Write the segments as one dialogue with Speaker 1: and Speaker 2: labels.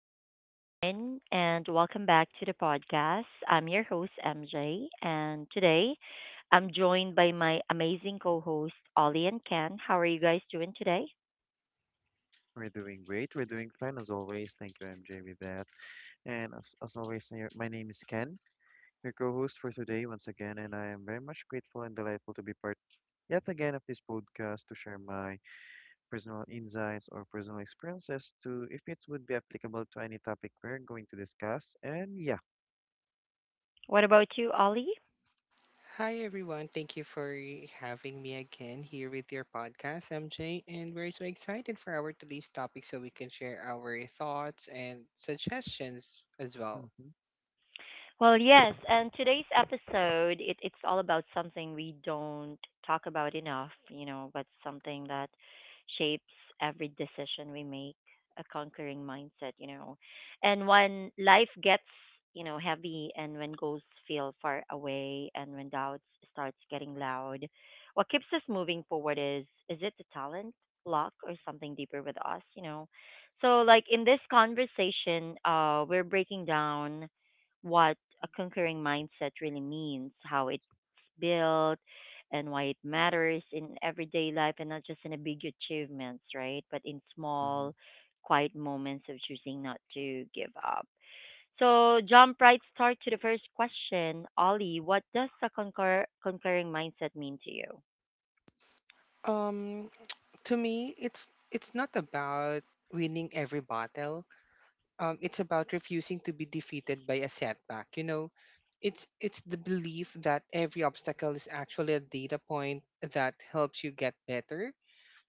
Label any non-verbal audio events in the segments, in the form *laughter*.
Speaker 1: everyone, and welcome back to the podcast. I'm your host, MJ, and today I'm joined by my amazing co host, Ollie and Ken. How are you guys doing today?
Speaker 2: We're doing great. We're doing fine as always. Thank you, MJ, with that. And as always, I- My name is Ken, your co-host for today once again, and I am very much grateful and delightful to be part yet again of this podcast to share my personal insights or personal experiences to if it would be applicable to any topic we're going to discuss.
Speaker 1: What about you, Ollie?
Speaker 3: Hi everyone, thank you for having me again here with your podcast, MJ. And we're so excited for our today's topic so we can share our thoughts and suggestions as well.
Speaker 2: Mm-hmm,
Speaker 1: Well, yes, and today's episode it's all about something we don't talk about enough, you know, but something that shapes every decision we make, a conquering mindset, you know. And when life gets, heavy and when goals feel far away and when doubts starts getting loud, what keeps us moving forward is it the talent, luck or something deeper with us, you know? So like in this conversation, we're breaking down what a conquering mindset really means, how it's built, and why it matters in everyday life and not just in a big achievements, right? But in small,
Speaker 2: mm-hmm.
Speaker 1: quiet moments of choosing not to give up. So jump right start to the first question. Ollie, what does a conquering mindset mean to you?
Speaker 3: Um, to me, it's not about winning every battle. It's about refusing to be defeated by a setback. You know, it's the belief that every obstacle is actually a data point that helps you get better.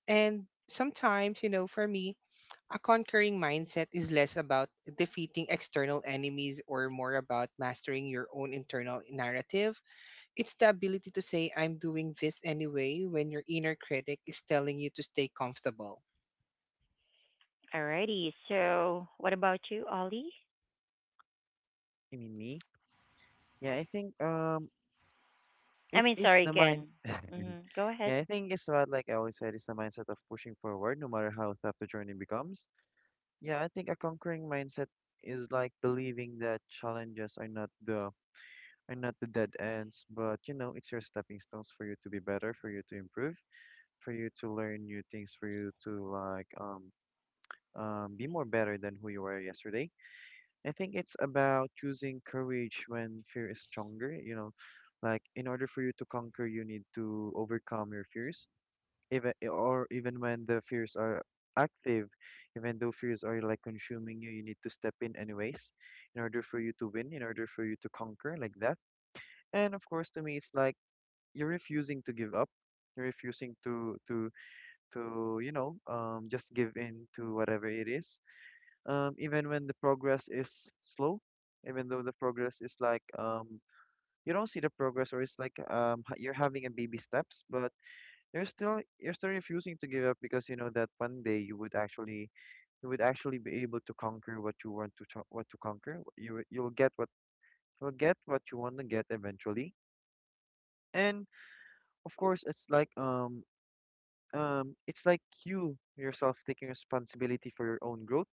Speaker 3: And sometimes, you know, for me, a conquering mindset is less about defeating external enemies or more about mastering your own internal narrative. It's the ability to say, I'm doing this anyway, when your inner critic is telling you to stay comfortable.
Speaker 1: Alrighty, so what about you, Ollie?
Speaker 2: You mean me? Yeah, I think
Speaker 1: I
Speaker 2: it
Speaker 1: mean,
Speaker 2: is
Speaker 1: sorry,
Speaker 2: the mind.
Speaker 1: Ken.
Speaker 2: *laughs*
Speaker 1: Mm-hmm. Go ahead.
Speaker 2: Yeah, I think it's what like I always said, it's the mindset of pushing forward no matter how tough the journey becomes. Yeah, I think a conquering mindset is like believing that challenges are not the dead ends, but you know, it's your stepping stones for you to be better, for you to improve, for you to learn new things, for you to be more better than who you were yesterday. I think it's about choosing courage when fear is stronger, you know, like in order for you to conquer, you need to overcome your fears or even when the fears are active, even though fears are like consuming you, you need to step in anyways, in order for you to win, in order for you to conquer like that. And of course, to me, it's like you're refusing to give up. You're refusing to just give in to whatever it is. Even when the progress is slow, even though the progress is like you don't see the progress, or it's like you're having a baby steps, but you're still refusing to give up because you know that one day you would actually be able to conquer what you want to what to conquer. You'll get what you'll get what you want to get eventually. And of course, it's like it's like you yourself taking responsibility for your own growth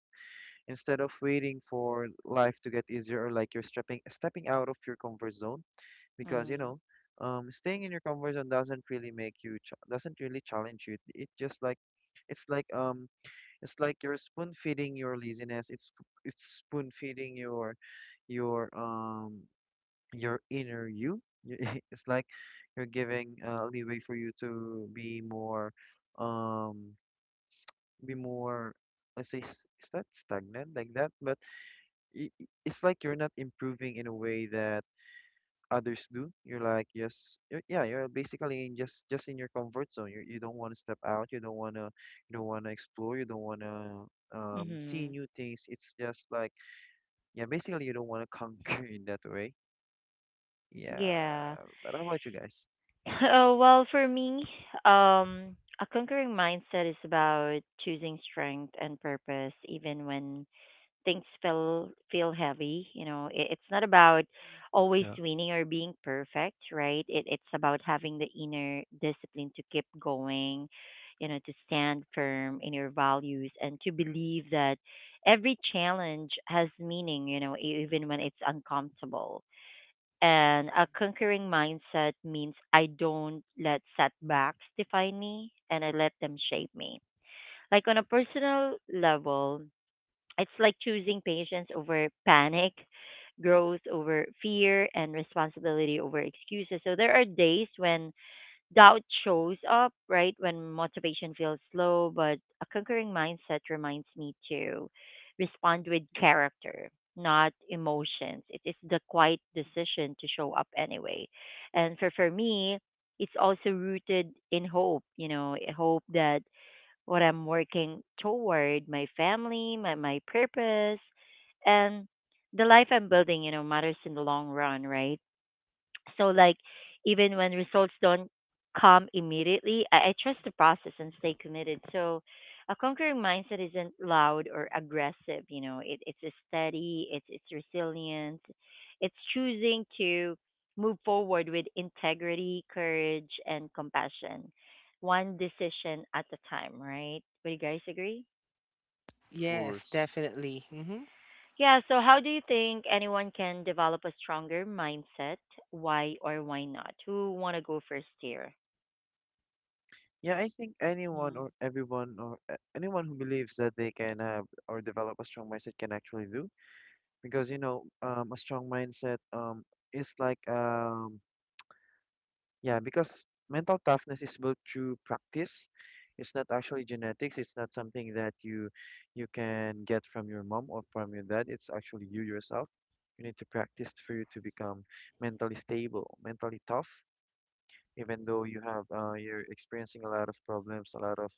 Speaker 2: instead of waiting for life to get easier, or like you're stepping out of your comfort zone because you
Speaker 1: Mm-hmm.
Speaker 2: know staying in your comfort zone doesn't really make you doesn't really challenge you. It just like it's like It's like you're spoon feeding your laziness. It's spoon feeding your your um your inner you. You- *laughs* It's like you're giving leeway for you to be more um be more, let's say, is that stagnant like that? But it's like you're not improving in a way that others do. You're like just you're, yeah, you're basically in just in your comfort zone. You don't want to step out. You don't want to explore. You don't want to see
Speaker 1: Mm-hmm.
Speaker 2: new things. It's just like yeah, basically you don't want to *laughs* conquer in that way.
Speaker 1: Yeah.
Speaker 2: Yeah, but how about you guys?
Speaker 1: *laughs* Oh, well, for me, a conquering mindset is about choosing strength and purpose, even when things feel heavy. You know, it's not about always
Speaker 2: Yeah.
Speaker 1: winning or being perfect, right? It's about having the inner discipline to keep going, you know, to stand firm in your values and to believe that every challenge has meaning. You know, even when it's uncomfortable and a conquering mindset means I don't let setbacks define me and I let them shape me. Like on a personal level, it's like choosing patience over panic, growth over fear, and responsibility over excuses. So there are days when doubt shows up, right, when motivation feels low, but a conquering mindset reminds me to respond with character, not emotions. It is the quiet decision to show up anyway. And for me, it's also rooted in hope, you know, a hope that what I'm working toward, my family, my purpose, and the life I'm building, you know, matters in the long run, right? So like even when results don't come immediately, I trust the process and stay committed. So a conquering mindset isn't loud or aggressive, you know, it's a steady, it's resilience, it's choosing to move forward with integrity, courage and compassion. One decision at a time, right? Would you guys agree?
Speaker 2: Of
Speaker 3: Yes,
Speaker 2: course.
Speaker 3: definitely. Hmm.
Speaker 1: Yeah, so how do you think anyone can develop a stronger mindset? Why or why not? Who want to go first here?
Speaker 2: Yeah, I think anyone
Speaker 1: Mm.
Speaker 2: or everyone or anyone who believes that they can have or develop a strong mindset can actually do, because you know a strong mindset is like yeah, because mental toughness is built through practice. It's not actually genetics. It's not something that you can get from your mom or from your dad. It's actually you yourself. You need to practice for you to become mentally stable, mentally tough, even though you have you're experiencing a lot of problems, a lot of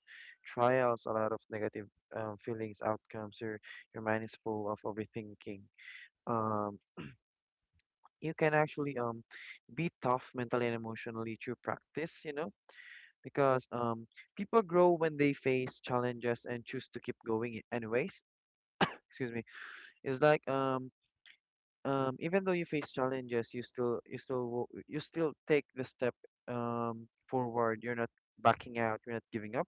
Speaker 2: trials, a lot of negative feelings, outcomes. Your mind is full of overthinking. Um, you can actually be tough mentally and emotionally through practice. You know, because people grow when they face challenges and choose to keep going anyways. Excuse me. It's like even though you face challenges, you still take the step forward. You're not backing out. You're not giving up.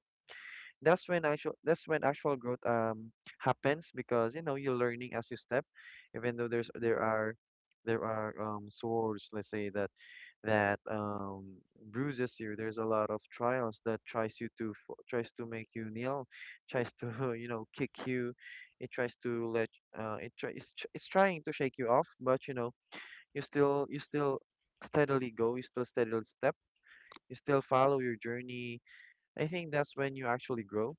Speaker 2: That's when actual growth happens because you know you're learning as you step, even though there are swords. Let's say that that um, bruises you. There's a lot of trials that tries you to tries to make you kneel, tries to *laughs* you know kick you. It tries to let it's trying to shake you off, but you know you still steadily go. You still steadily step. You still follow your journey. I think that's when you actually grow.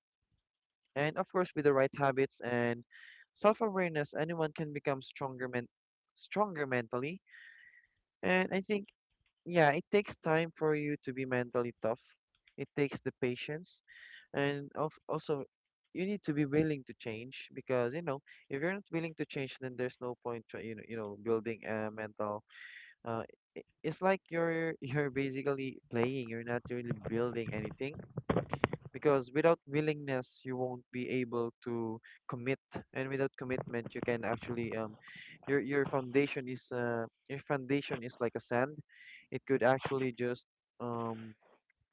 Speaker 2: And of course, with the right habits and self awareness, anyone can become stronger mentally. And I think yeah, it takes time for you to be mentally tough. It takes the patience, and of also you need to be willing to change because you know if you're not willing to change, then there's no point you know building a mental. Uh, it's like you're *laughs* you're basically playing. You're not really building anything because without willingness you won't be able to commit, and without commitment you can actually your foundation is your foundation is like a sand. It could actually just um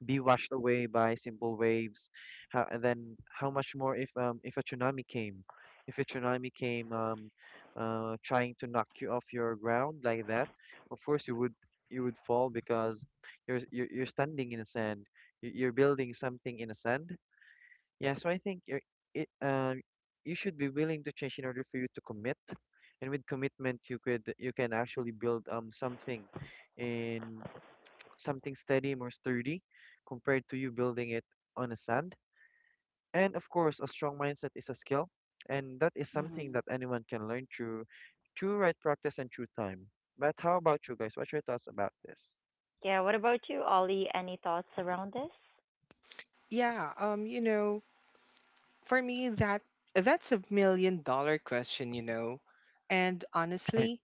Speaker 2: be washed away by simple waves. How, and then how much more if a tsunami came, if a tsunami came um trying to knock you off your ground like that. Of course you would, you would fall because you're standing in a sand, you're building something in a sand. Yeah, so I think you're, it, You should be willing to change in order for you to commit. And with commitment, you can actually build something in something steady, more sturdy, compared to you building it on a sand. And of course, a strong mindset is a skill, and that is something
Speaker 1: Mhm.
Speaker 2: that anyone can learn through right practice and through time. But how about you guys? What's your thoughts about this?
Speaker 1: Yeah, what about you, Ollie? Any thoughts around this?
Speaker 3: Yeah, you know, for me that's a million-dollar question, you know. And honestly,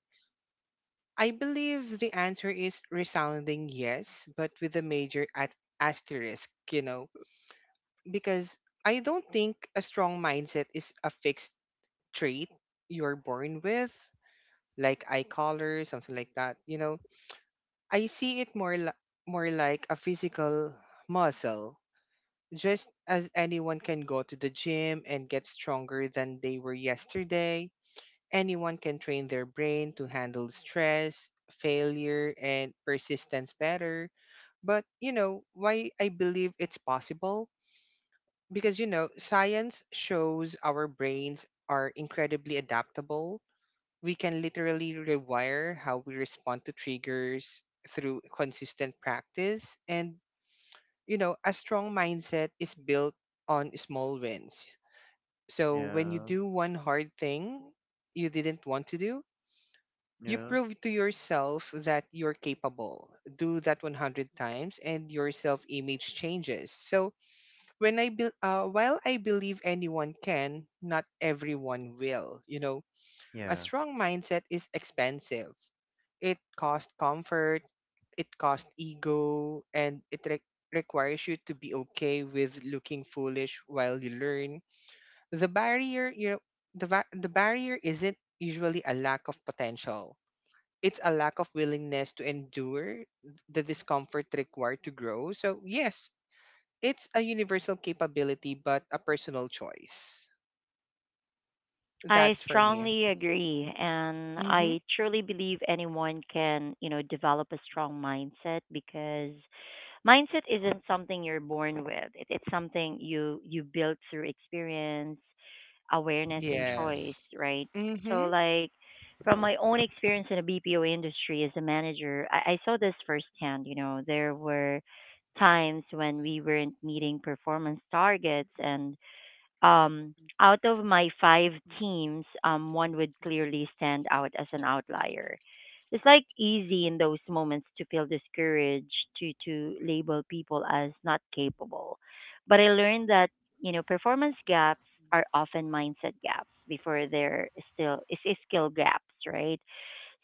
Speaker 3: I believe the answer is resounding yes, but with a major at asterisk, you know. Because I don't think a strong mindset is a fixed trait you're born with, like eye color, something like that. You know, I see it more li- more like a physical muscle. Just as anyone can go to the gym and get stronger than they were yesterday, anyone can train their brain to handle stress, failure, and persistence better. But, you know, why I believe it's possible, because you know science shows our brains are incredibly adaptable. We can literally rewire how we respond to triggers through consistent practice. And you know, a strong mindset is built on small wins. So when you
Speaker 2: Yeah,
Speaker 3: do one hard thing you didn't want to do, you
Speaker 2: yeah,
Speaker 3: prove to yourself that you're capable. Do that 100 times and your self image changes. So when I bel while I believe anyone can, not everyone will. You know, a
Speaker 2: yeah,
Speaker 3: strong mindset is expensive. It costs comfort, it costs ego, and it requires you to be okay with looking foolish while you learn. The barrier, you know, the barrier isn't usually a lack of potential. It's a lack of willingness to endure the discomfort required to grow. So yes, it's a universal capability, but a personal choice.
Speaker 1: I
Speaker 3: That's for me.
Speaker 1: strongly agree, and
Speaker 3: Mm-hmm.
Speaker 1: I truly believe anyone can, you know, develop a strong mindset because mindset isn't something you're born with. It's something you build through experience, awareness and
Speaker 2: yeah,
Speaker 1: choice,
Speaker 3: Yes.
Speaker 1: right? So,
Speaker 3: Mm-hmm.
Speaker 1: like, from my own experience in the BPO industry as a manager, I saw this firsthand. You know, there were times when we weren't meeting performance targets and out of my five teams, one would clearly stand out as an outlier. It's like easy in those moments to feel discouraged, to label people as not capable. But I learned that you know performance gaps are often mindset gaps before they're still is skill gaps, right?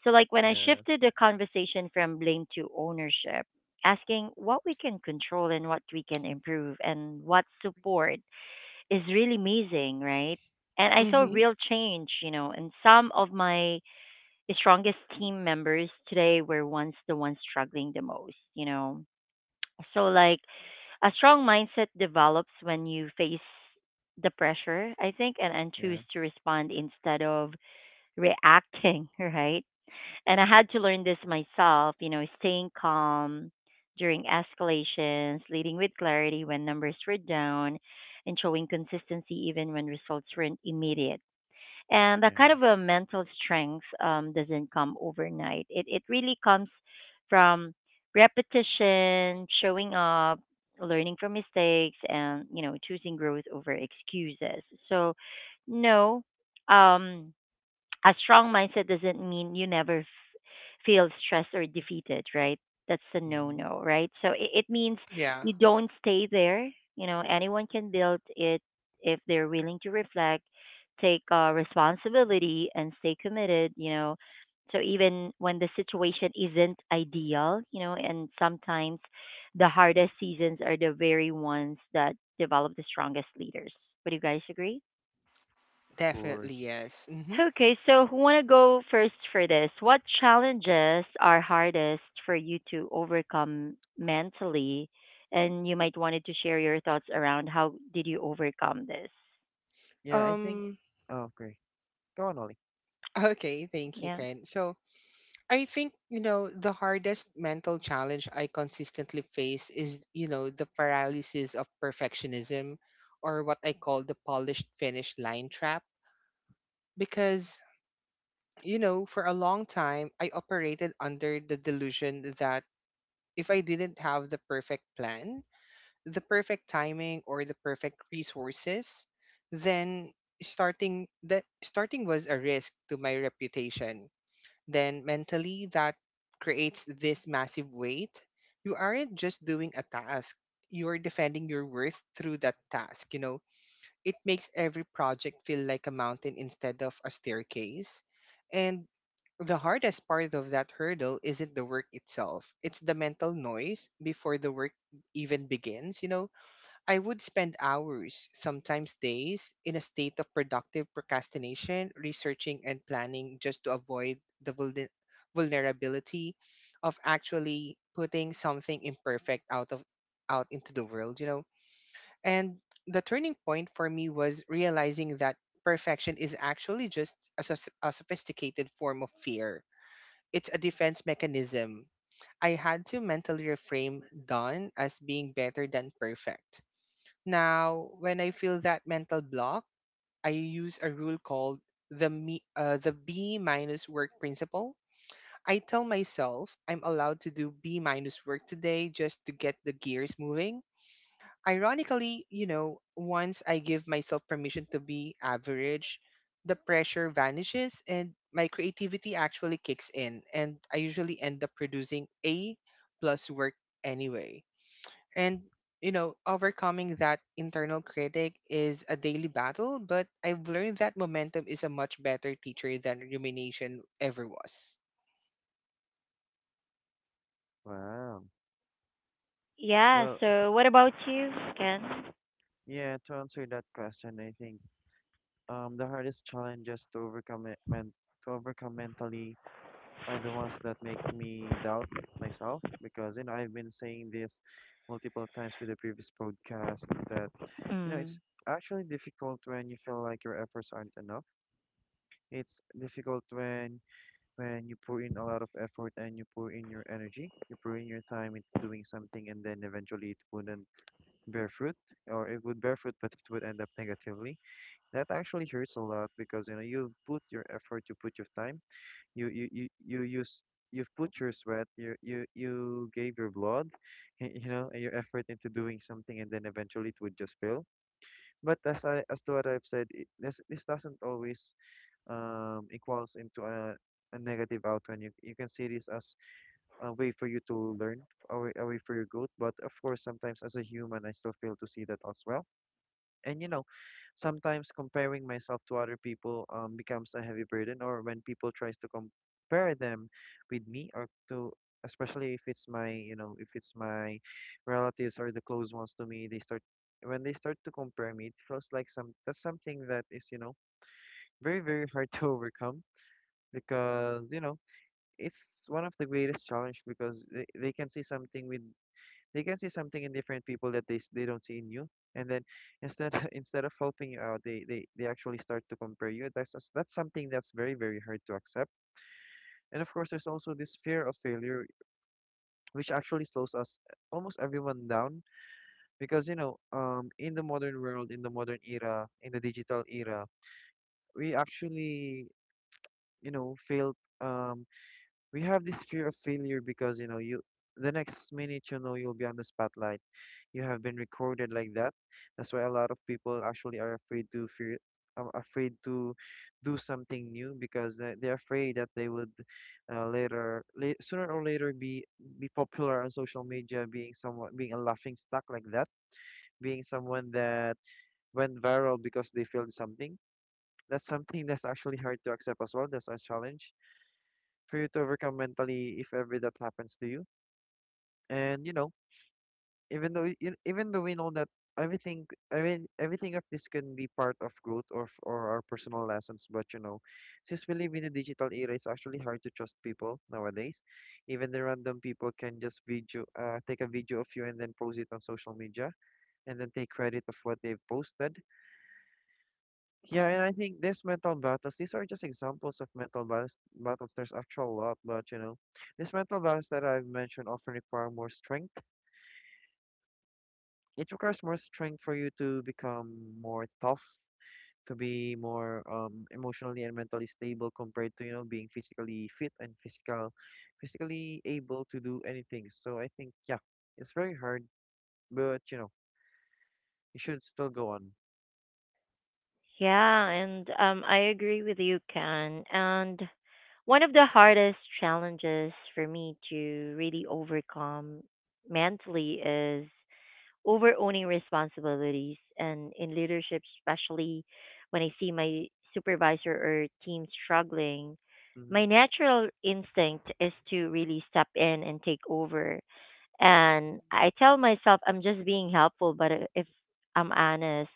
Speaker 1: So like when I
Speaker 2: yeah,
Speaker 1: shifted the conversation from blame to ownership, asking what we can control and what we can improve and what support is really amazing, right? And I saw
Speaker 2: mhm,
Speaker 3: Mm-hmm.
Speaker 1: real change, you know, and some of my strongest team members today were once the ones struggling the most, you know. So, like, a strong mindset develops when you face the pressure, I think, and
Speaker 2: yeah,
Speaker 1: choose to respond instead of reacting, *laughs* right? And I had to learn this myself, you know, staying calm during escalations, leading with clarity when numbers were down, and showing consistency even when results weren't immediate. And that
Speaker 2: yeah.
Speaker 1: kind of a mental strength doesn't come overnight. It really comes from repetition, showing up, learning from mistakes, and you know choosing growth over excuses. So no, um, a strong mindset doesn't mean you never feel stressed or defeated, right? That's a no
Speaker 2: Mhm.
Speaker 1: no, right? So it means
Speaker 3: Yeah.
Speaker 1: you don't stay there. You know, anyone can build it if they're willing to reflect, take responsibility, and stay committed, you know. So even when the situation isn't ideal, you know, and sometimes the hardest seasons are the very ones that develop the strongest leaders. Would you guys agree?
Speaker 2: Course.
Speaker 1: Okay, so who want to go first for this? What challenges are hardest for you to overcome mentally? And you might wanted to share your thoughts around how did you overcome this?
Speaker 2: Yeah, I think. Okay, go on, Ollie.
Speaker 1: Yeah.
Speaker 2: Wow.
Speaker 1: Yeah,
Speaker 2: Well,
Speaker 1: so what about you, Ken?
Speaker 2: yeah. To answer that question, I think the hardest challenges to overcome it, men to overcome mentally are the ones that make me doubt myself, because you know I've been saying this multiple times with the previous podcast that you know
Speaker 1: Mm.
Speaker 2: it's actually difficult when you feel like your efforts aren't enough. It's difficult when you pour in a lot of effort and you pour in your energy, you pour in your time into doing something, and then eventually it wouldn't bear fruit, or it would bear fruit, but it would end up negatively. That actually hurts a lot because you know you put your effort, you put your time, you use. You've put your sweat, you gave your blood, *laughs* you know, and your effort into doing something, and then eventually it would just fail. But as I as to what I've said, it, this doesn't always equals into a negative outcome. You can see this as a way for you to learn, a way for your growth. But of course, sometimes as a human, I still fail to see that as well. And you know, sometimes comparing myself to other people becomes a heavy burden, or when people tries to compare them with me or to, especially if it's my you know if it's my relatives or the close ones to me, they start when they start to compare me, it feels like some that's something that is you know very very hard *laughs* to overcome because you know it's one of the greatest challenge because they can see something with they can see something in different people that they don't see in you, and then instead *laughs* instead of helping you out, they actually start to compare you. That's something that's very very hard to accept. And of course there's also this fear of failure, which actually slows us almost everyone down, because you know in the modern world, in the modern era, in the digital era, we actually you know fail. um we have this fear of failure because you know you the next minute you know you'll be on the spotlight, you have been recorded like that. That's why a lot of people actually are afraid to fear, afraid to do something new because they- they're afraid that they would, sooner or later be popular on social media, being someone, being a laughing stock like that, being someone that went viral because they failed something. That's something that's actually hard to accept as well. That's a challenge for you to overcome mentally if ever that happens to you. And even though we know that everything, I mean, everything of this can be part of growth or or our personal lessons, but since we live in a digital era, it's actually hard to trust people nowadays. Even the random people can just take a video of you and then post it on social media and then take credit of what they've posted. Yeah, and I think these mental battles, these are just examples of mental battles. There's actually a lot, but these mental battles that I've mentioned often require more strength. It requires more strength for you to become more tough, to be more emotionally and mentally stable compared to, being physically fit and physically able to do anything. So I think, yeah, it's very hard, but you should still go on.
Speaker 1: Yeah, and I agree with you, Ken. And one of the hardest challenges for me to really overcome mentally is over owning responsibilities and in leadership, especially when I see my supervisor or team struggling,
Speaker 2: Mm-hmm.
Speaker 1: my natural instinct is to really step in and take over and I tell myself I'm just being helpful, but if I'm honest,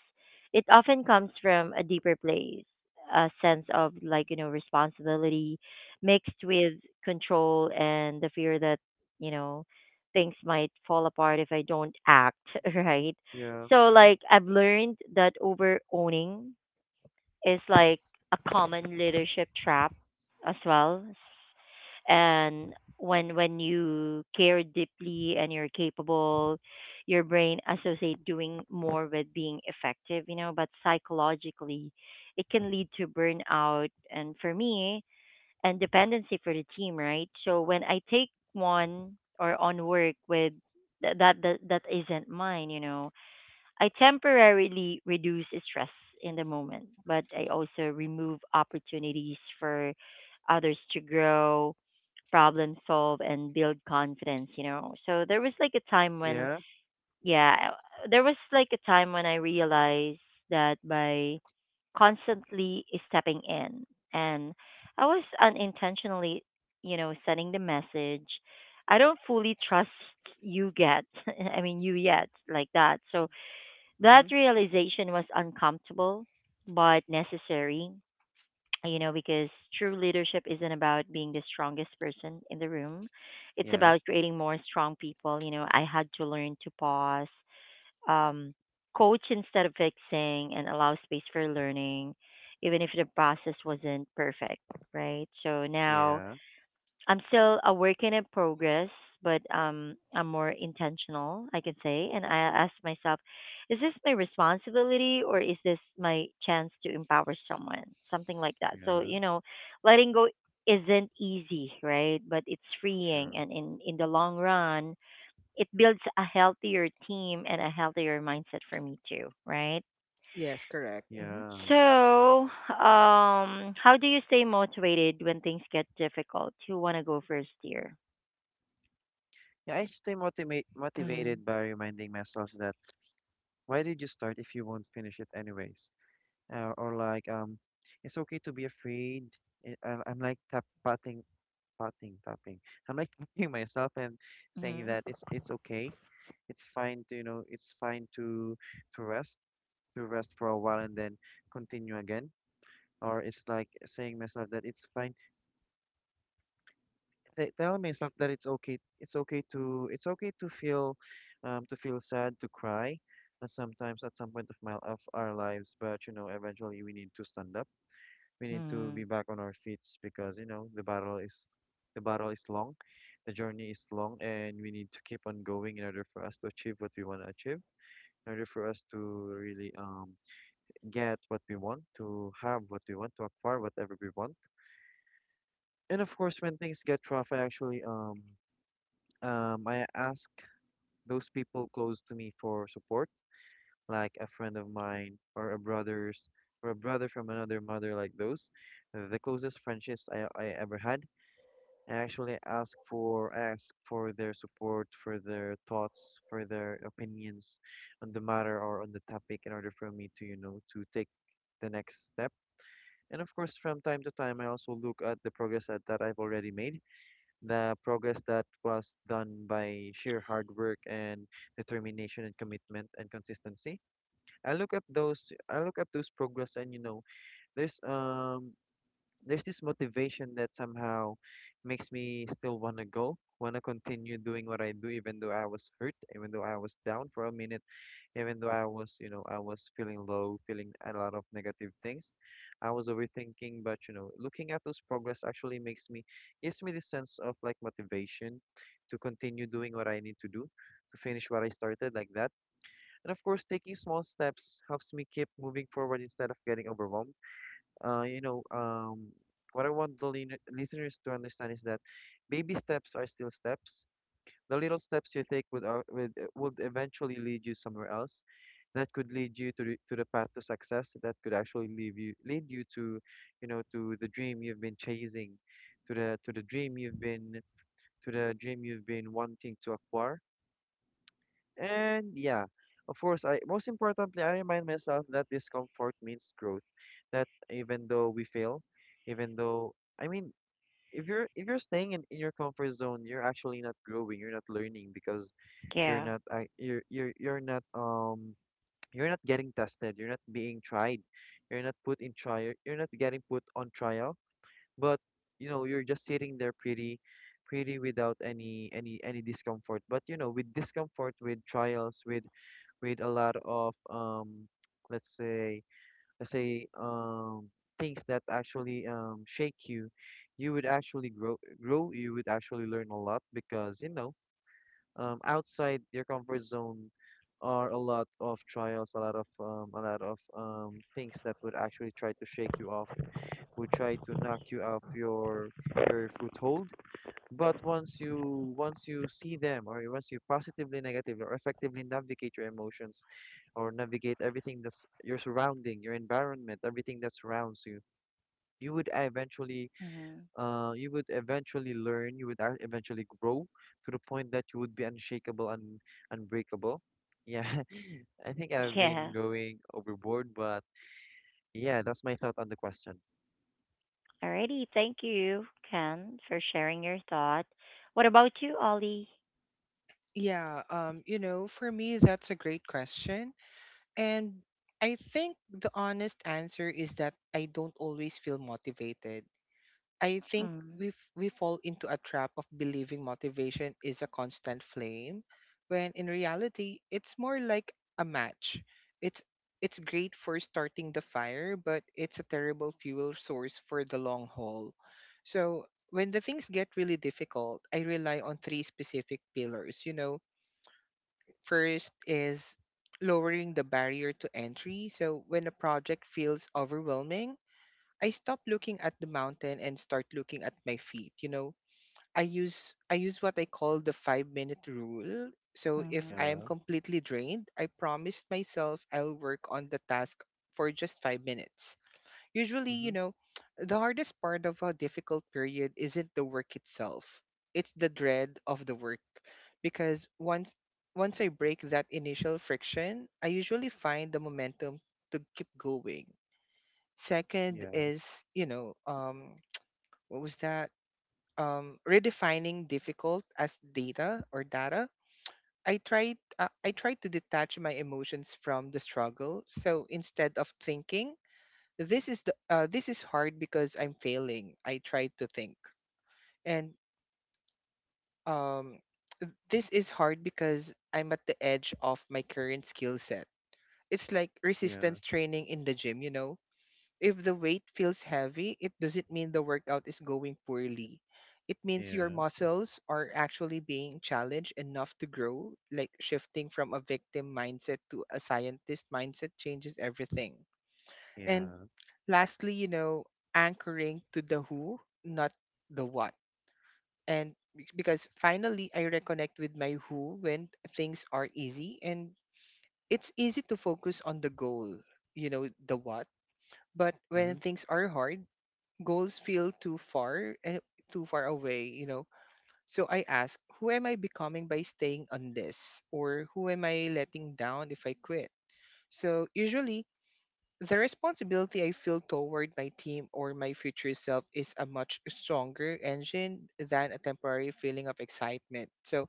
Speaker 1: it often comes from a deeper place, a sense of like, you know, responsibility mixed with control and the fear that, you know, things might fall apart if I don't act, *laughs* right?
Speaker 2: Yeah.
Speaker 1: So like I've learned that over owning is like a common leadership trap as well. And when you care deeply and you're capable, your brain associate doing more with being effective, you know, but psychologically it can lead to burnout and for me and dependency for the team, right? So when I take one or on work with that isn't mine, you know, I temporarily reduce stress in the moment, but I also remove opportunities for others to grow, problem solve, and build confidence, you know. So there was like a time when,
Speaker 2: Yeah.
Speaker 1: yeah, there was like a time when I realized that by constantly stepping in, and I was unintentionally, you know, sending the message. I don't fully trust you get, *laughs* I mean, you yet, like that. So that
Speaker 2: Mm-hmm.
Speaker 1: realization was uncomfortable but necessary, you know, because true leadership isn't about being the strongest person in the room. It's
Speaker 2: Yeah.
Speaker 1: about creating more strong people. You know, I had to learn to pause, um, coach instead of fixing, and allow space for learning, even if the process wasn't perfect, right? So now
Speaker 2: Yeah.
Speaker 1: I'm still a work in a progress, but I'm more intentional, I can say. And I ask myself, is this my responsibility or is this my chance to empower someone? Something like that. So,
Speaker 2: Yeah.
Speaker 1: you know, letting go isn't easy, right? But it's freeing.
Speaker 2: True.
Speaker 1: And in the long run, it builds a healthier team and a healthier mindset for me too, right?
Speaker 3: Yes, correct. Hmm.
Speaker 2: Yeah.
Speaker 1: So, how do you stay motivated when things get difficult? You want to go first, dear?
Speaker 2: Yeah, I stay motivate
Speaker 1: Mhm.
Speaker 2: motivated by reminding myself that why did you start if you won't finish it anyways? Or like it's okay to be afraid. I'm like tap patting patting tapping. I'm like *laughs* tapping myself and saying
Speaker 1: Mhm.
Speaker 2: that it's okay. It's fine to you know, it's fine to rest, to rest for a while and then continue again. Or it's like saying myself that it's fine tell myself that it's okay to feel to feel sad to cry sometimes at some point of our lives, but eventually we need to stand up. We need to
Speaker 1: Mhm.
Speaker 2: be back on our feet because the battle is long. The journey is long and we need to keep on going in order for us to achieve what we want to achieve, in order for us to really get what we want, to have what we want, to acquire whatever we want. And of course, when things get rough, I actually I ask those people close to me for support, like a friend of mine or a brother's, or a brother from another mother, like those, the closest friendships I ever had. I actually ask for their support, for their thoughts, for their opinions on the matter or on the topic in order for me to, to take the next step. And of course, from time to time, I also look at the progress that I've already made, the progress that was done by sheer hard work and determination and commitment and consistency. I look at those progress and there's um there's this motivation that somehow makes me still wanna go, wanna continue doing what I do, even though I was hurt, even though I was down for a minute, even though I was feeling low, feeling a lot of negative things. I was overthinking, but looking at those progress actually makes me gives me the sense of like motivation to continue doing what I need to do, to finish what I started, like that. And of course, taking small steps helps me keep moving forward instead of getting overwhelmed. Uh, you know, um, what I want the listeners to understand is that baby steps are still steps. The little steps you take would eventually lead you somewhere else. That could lead you to, to the path to success. That could actually lead you to, to the dream you've been chasing, to the dream you've been to the dream you've been wanting to acquire. And yeah, of course, I most importantly, I remind myself that discomfort means growth. That even though we fail, even though I mean, if you're staying in your comfort zone, you're actually not growing, you're not learning because you're
Speaker 1: Yeah.
Speaker 2: not you're you're not getting tested, you're not being tried, you're not put in trial, you're not getting put on trial. But you're just sitting there pretty without any discomfort. But with discomfort, with trials, with a lot of let's say, let's say um things that actually shake you, you would actually grow you would actually learn a lot, because outside your comfort zone are a lot of trials, a lot of, things that would actually try to shake you off, would try to knock you off your foothold. But once you see them, or once you positively, negatively, or effectively navigate your emotions, or navigate everything that's your surrounding, your environment, everything that surrounds you, you would eventually
Speaker 1: Mhm.
Speaker 2: learn, you would eventually grow to the point that you would be unshakable and unbreakable. Yeah, *laughs* I think I've been
Speaker 1: Yeah.
Speaker 2: going overboard, but yeah, that's my thought on the question.
Speaker 1: Alrighty. Thank you, Ken, for sharing your thought. What about you, Ollie?
Speaker 3: Yeah, you know, for me, that's a great question. And I think the honest answer is that I don't always feel motivated. I think
Speaker 1: Mm.
Speaker 3: we fall into a trap of believing motivation is a constant flame, when in reality it's more like a match. It's it's great for starting the fire, but it's a terrible fuel source for the long haul. So when the things get really difficult, I rely on three specific pillars. You know, first is lowering the barrier to entry. So when a project feels overwhelming, I stop looking at the mountain and start looking at my feet, you know. I use what I call the 5-minute minute rule. So if
Speaker 1: Mhm.
Speaker 3: I am
Speaker 2: Yeah.
Speaker 3: completely drained, I promised myself I'll work on the task for just 5 minutes. Usually, you
Speaker 2: Mm-hmm.
Speaker 3: know, *tsk* the hardest part of a difficult period isn't the work itself. It's the dread of the work, because once I break that initial friction, I usually find the momentum to keep going. Second
Speaker 2: Yeah.
Speaker 3: is, you know, what was that? Redefining difficult as data or data. I tried to detach my emotions from the struggle. So instead of thinking this is hard because I'm failing, I tried to think and um, this is hard because I'm at the edge of my current skill set. It's like
Speaker 2: Yeah.
Speaker 3: resistance training in the gym, you know. If the weight feels heavy, it doesn't mean the workout is going poorly. It means your
Speaker 2: Yeah.
Speaker 3: muscles are actually being challenged enough to grow, like shifting from a victim mindset to a scientist mindset changes everything. And
Speaker 2: Yeah.
Speaker 3: lastly, you know, anchoring to the who, not the what. Because finally I reconnect with my who. When things are easy, and it's easy to focus on the goal, you know, the what. But when
Speaker 2: Mm-hmm.
Speaker 3: things are hard, goals feel too far away, you know. So I ask, who am I becoming by staying on this? Or who am I letting down if I quit? So usually, the responsibility I feel toward my team or my future self is a much stronger engine than a temporary feeling of excitement. So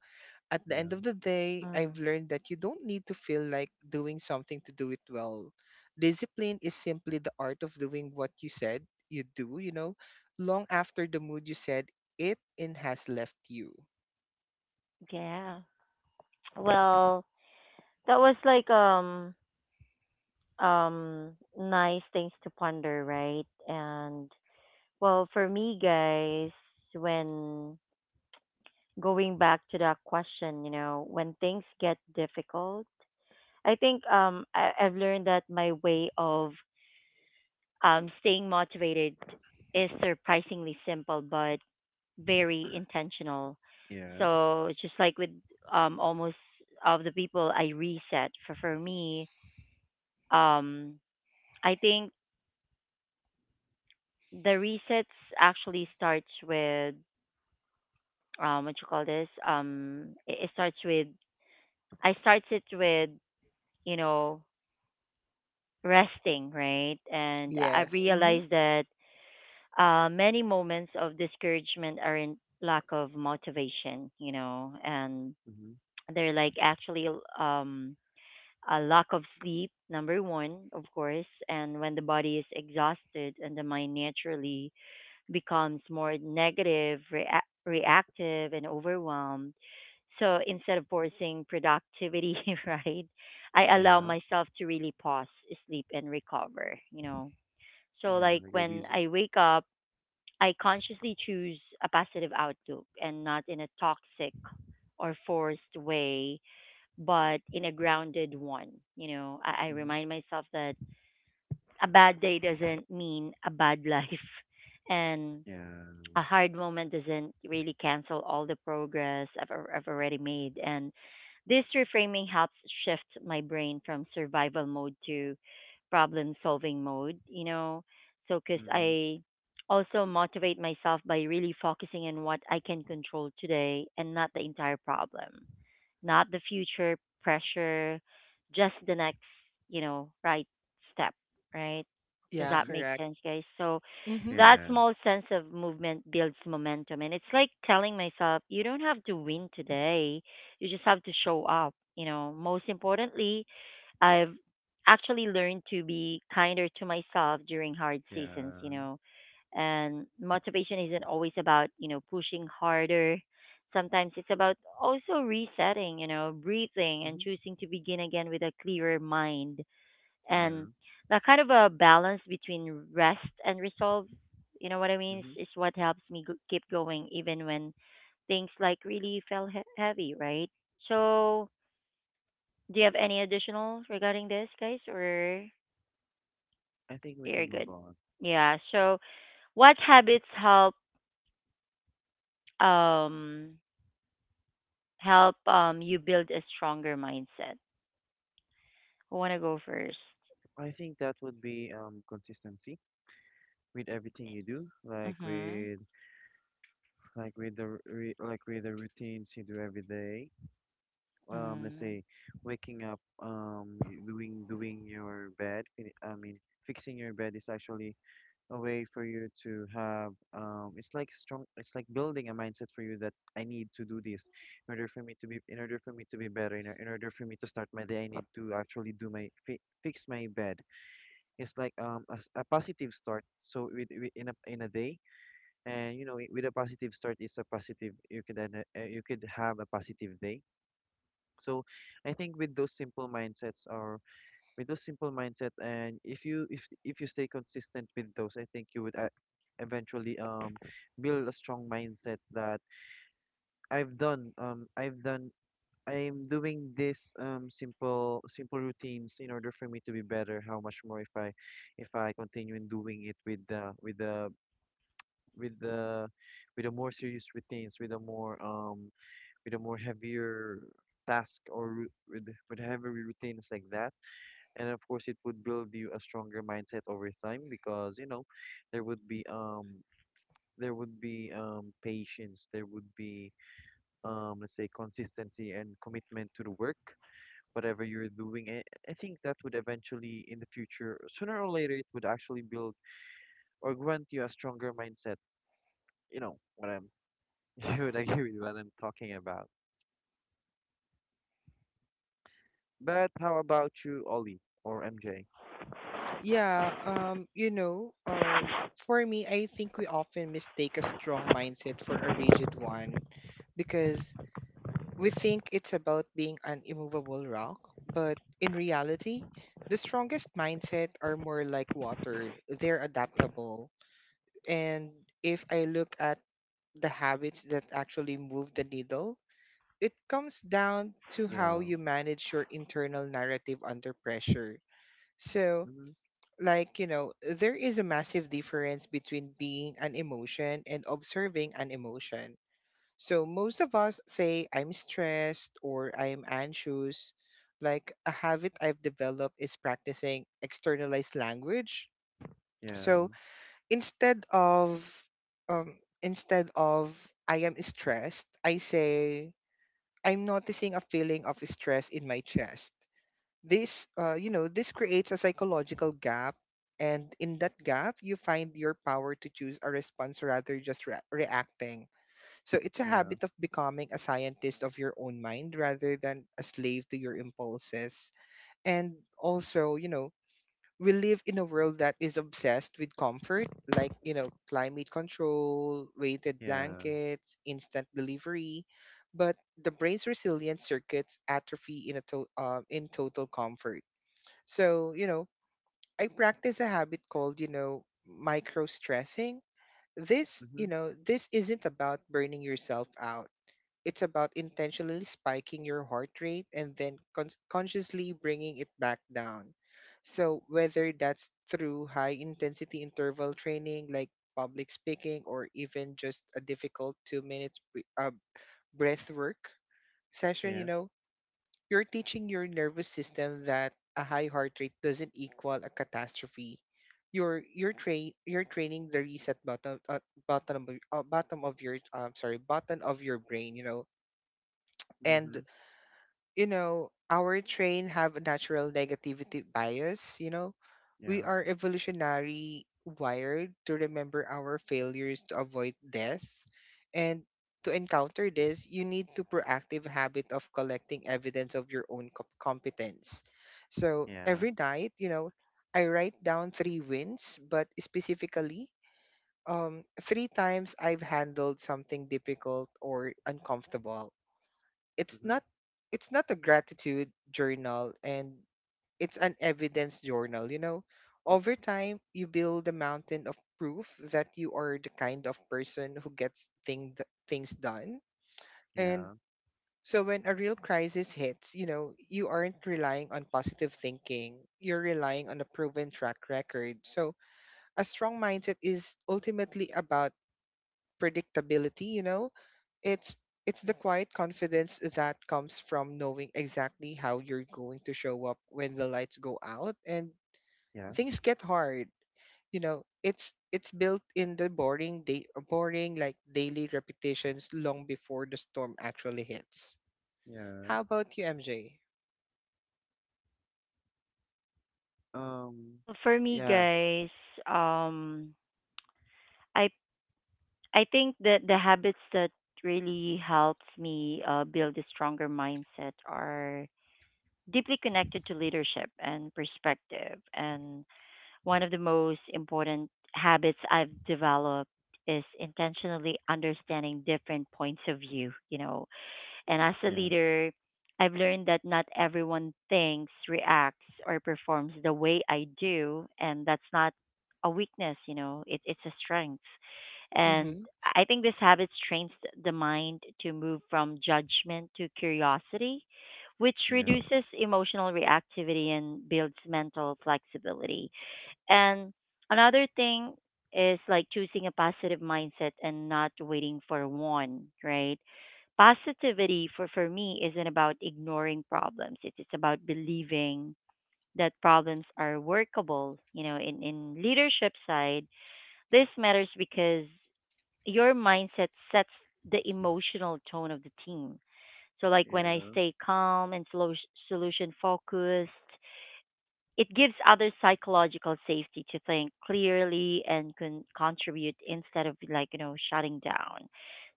Speaker 3: at the end
Speaker 2: Yeah.
Speaker 3: of the day, I've
Speaker 1: Mm.
Speaker 3: learned that you don't need to feel like doing something to do it well. Discipline is simply the art of doing what you said you do, you know, long after the mood you said it in has left you.
Speaker 1: Yeah. Well, that was like nice things to ponder, right? And well, for me, guys, when going back to that question, you know, when things get difficult, I think I, I've learned that my way of staying motivated is surprisingly simple but very intentional.
Speaker 2: Yeah.
Speaker 1: So just like with almost of the people I reset for me, um, I think the resets actually starts with what you call this. It, it starts with I starts it with you know resting right, and I've
Speaker 3: Yes. Hmm.
Speaker 1: realized that many moments of discouragement are in lack of motivation, you know, and
Speaker 2: Mm-hmm.
Speaker 1: they're like actually um, a lack of sleep, number one, of course. And when the body is exhausted and the mind naturally becomes more negative, reactive, and overwhelmed. So instead of forcing productivity, *laughs* right, I allow
Speaker 2: Yeah.
Speaker 1: myself to really pause, sleep, and recover, you know. So,
Speaker 2: Yeah,
Speaker 1: like
Speaker 2: like a
Speaker 1: when
Speaker 2: reason.
Speaker 1: I wake up, I consciously choose a positive outlook and not in a toxic or forced way, but in a grounded one. You know, I
Speaker 2: Mm-hmm.
Speaker 1: remind myself that a bad day doesn't mean a bad life. *laughs* And
Speaker 2: Yeah.
Speaker 1: a hard moment doesn't really cancel all the progress I've already made. And this reframing helps shift my brain from survival mode to problem solving mode, you know. So, because
Speaker 2: Mm-hmm.
Speaker 1: I also motivate myself by really focusing on what I can control today and not the entire problem not the future pressure, just the next, you know, right step, right? Does
Speaker 3: Yeah,
Speaker 1: that
Speaker 2: Mm-hmm.
Speaker 1: make
Speaker 3: correct.
Speaker 1: sense, guys? So
Speaker 3: Hmm.
Speaker 1: that
Speaker 2: Yeah.
Speaker 1: small sense of movement builds momentum. And it's like telling myself, you don't have to win today. You just have to show up. You know, most importantly, I've actually learned to be kinder to myself during hard seasons, you
Speaker 2: Yeah.
Speaker 1: know. And motivation isn't always about, you know, pushing harder. Sometimes it's about also resetting, you know, breathing and
Speaker 2: Mm-hmm.
Speaker 1: choosing to begin again with a clearer mind. And
Speaker 2: Yeah.
Speaker 1: that kind of a balance between rest and resolve, you know what I mean,
Speaker 2: Hmm.
Speaker 1: is what helps me keep going even when things like really fell heavy, right? So, do you have any additional regarding this, guys, or
Speaker 2: I think we
Speaker 1: you're
Speaker 2: can move
Speaker 1: good?
Speaker 2: on.
Speaker 1: Yeah. So, what habits help um help you build a stronger mindset? Who wanna go first?
Speaker 2: I think that would be consistency, with everything you do, like
Speaker 1: Mhm.
Speaker 2: with the routines you do every day. Let's
Speaker 1: Mm.
Speaker 2: say waking up, doing your bed. I mean, fixing your bed is actually a way for you to have. It's like strong. It's like building a mindset for you that I need to do this in order for me to be better. In order for me to start my day, I need to actually do my fi fix my bed. It's like a positive start. So with in a day, and with a positive start is a positive, you could then you could have a positive day. So I think with those simple mindsets, or with those simple mindset, and if you stay consistent with those, I think you would eventually build a strong mindset. That i've done um i've done I'm doing this simple routines in order for me to be better. How much more if I continue in doing it with with the the more serious routines, with a more heavier task, or with heavy routines, like that. And of course, it would build you a stronger mindset over time, because there would be um there would be patience, there would be let's say consistency and commitment to the work. Whatever you're doing, I think that would eventually, in the future, sooner or later, it would actually build or grant you a stronger mindset, you know what I'm... *laughs* You would agree with what I'm talking about. But how about you, Ollie or MJ?
Speaker 3: Yeah, you know, for me, I think we often mistake a strong mindset for a rigid one, because we think it's about being an immovable rock, but in reality, the strongest mindset are more like water. They're adaptable. And if I look at the habits that actually move the needle, it comes down to
Speaker 2: Yeah.
Speaker 3: how you manage your internal narrative under pressure. So,
Speaker 2: Mm-hmm.
Speaker 3: like, you know, there is a massive difference between being an emotion and observing an emotion. So most of us say I'm stressed or I'm anxious. Like a habit I've developed is practicing externalized language.
Speaker 2: Yeah.
Speaker 3: So instead of um instead of I am stressed, I say I'm noticing a feeling of stress in my chest. This You know, this creates a psychological gap, and in that gap you find your power to choose a response rather just reacting. So it's a
Speaker 2: Yeah.
Speaker 3: habit of becoming a scientist of your own mind rather than a slave to your impulses. And also, you know, we live in a world that is obsessed with comfort, like, you know, climate control, weighted
Speaker 2: Yeah.
Speaker 3: blankets, instant delivery. But the brain's resilience circuits atrophy in in total comfort. So, you know, I practice a habit called, you know, micro stressing. This, you
Speaker 2: Mm-hmm.
Speaker 3: know, this isn't about burning yourself out. It's about intentionally spiking your heart rate and then consciously bringing it back down. So, whether that's through high intensity interval training like public speaking or even just a difficult 2 minutes breath work session, you
Speaker 2: Yeah.
Speaker 3: know, you're teaching your nervous system that a high heart rate doesn't equal a catastrophe. You're training the reset button bottom of your sorry button of your brain, you know. And
Speaker 2: Mm-hmm.
Speaker 3: you know, our train have a natural negativity bias, you know. We
Speaker 2: Yeah.
Speaker 3: are evolutionary wired to remember our failures to avoid death. And to encounter this, you need to proactive habit of collecting evidence of your own competence. So
Speaker 2: Yeah.
Speaker 3: every night, you know, I write down three wins, but specifically, three times I've handled something difficult or uncomfortable. it's
Speaker 2: Mm-hmm.
Speaker 3: not it's not a gratitude journal, and it's an evidence journal, you know. Over time you build a mountain of proof that you are the kind of person who gets things done. And
Speaker 2: Yeah.
Speaker 3: so when a real crisis hits, you know, you aren't relying on positive thinking, you're relying on a proven track record. So a strong mindset is ultimately about predictability, you know. It's it's the quiet confidence that comes from knowing exactly how you're going to show up when the lights go out and
Speaker 2: Yeah.
Speaker 3: things get hard. You know, it's built in the boring like daily repetitions long before the storm actually hits.
Speaker 2: Yeah.
Speaker 3: How about you, MJ?
Speaker 2: Um.
Speaker 1: Well, for me,
Speaker 2: Yeah.
Speaker 1: guys, um, I I think that the habits that really helps me build a stronger mindset are deeply connected to leadership and perspective and one of the most important habits I've developed is intentionally understanding different points of view, you know. And as a
Speaker 2: Yeah.
Speaker 1: leader, I've learned that not everyone thinks, reacts, or performs the way I do, and that's not a weakness, you know. It's a strength. And
Speaker 3: Mm-hmm.
Speaker 1: I think this habit trains the mind to move from judgment to curiosity, which
Speaker 2: Yeah.
Speaker 1: reduces emotional reactivity and builds mental flexibility. And another thing is like choosing a positive mindset and not waiting for one, right? Positivity for me isn't about ignoring problems. It is about believing that problems are workable. You know, in leadership side, this matters because your mindset sets the emotional tone of the team. So like when I
Speaker 2: Yeah.
Speaker 1: stay calm and solution focused, it gives others psychological safety to think clearly and contribute instead of like, you know, shutting down.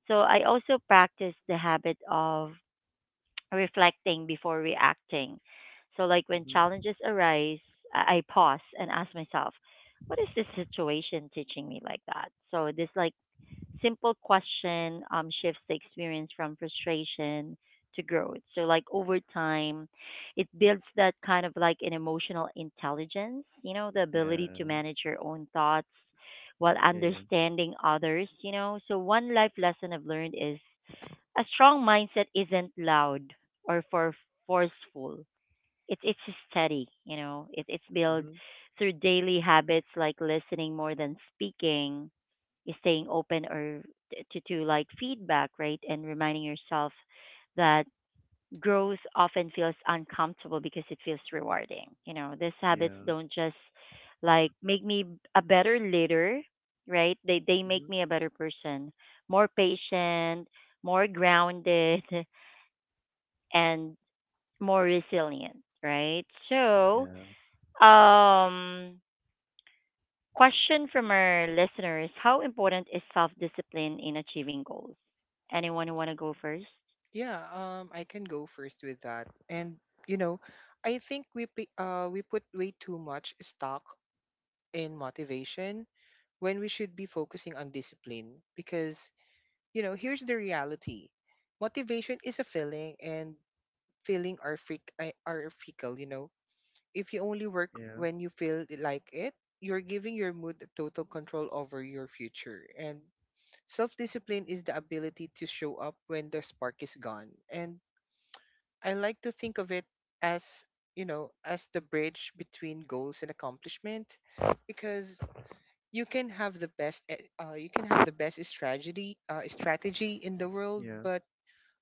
Speaker 1: So I also practice the habit of *tsk* reflecting before reacting. So like when
Speaker 2: Mm-hmm.
Speaker 1: challenges arise, I pause and ask myself, what is this situation teaching me like that? So this like simple question shifts the experience from frustration to growth. So, like over time, it builds that kind of like an emotional intelligence, you know, the ability to
Speaker 2: Yeah.
Speaker 1: manage your own thoughts while
Speaker 2: Yeah. Yeah.
Speaker 1: understanding others, you know. So, one life lesson I've learned is a strong mindset isn't loud or forceful. It's steady, you know. It's built
Speaker 2: Mm-hmm.
Speaker 1: through daily habits like listening more than speaking, staying open or to like feedback, right? And reminding yourself that growth often feels uncomfortable because it feels rewarding. You know, these habits
Speaker 2: Yeah.
Speaker 1: don't just like make me a better leader, right? They make
Speaker 2: Mm-hmm.
Speaker 1: me a better person, more patient, more grounded, *laughs* and more resilient, right? So,
Speaker 2: Yeah.
Speaker 1: um, question from our listeners: how important is self discipline in achieving goals? Anyone who want to go first?
Speaker 3: Yeah, I can go first with that. And you know, I think we put way too much stock in motivation when we should be focusing on discipline, because you know, here's the reality. Motivation is a feeling, and feeling are freak are fickle, you know. If you only work
Speaker 2: Yeah.
Speaker 3: when you feel like it, you're giving your mood total control over your future. And self-discipline is the ability to show up when the spark is gone. And I like to think of it as, you know, as the bridge between goals and accomplishment, because you can have the best strategy in the world,
Speaker 2: Yeah.
Speaker 3: but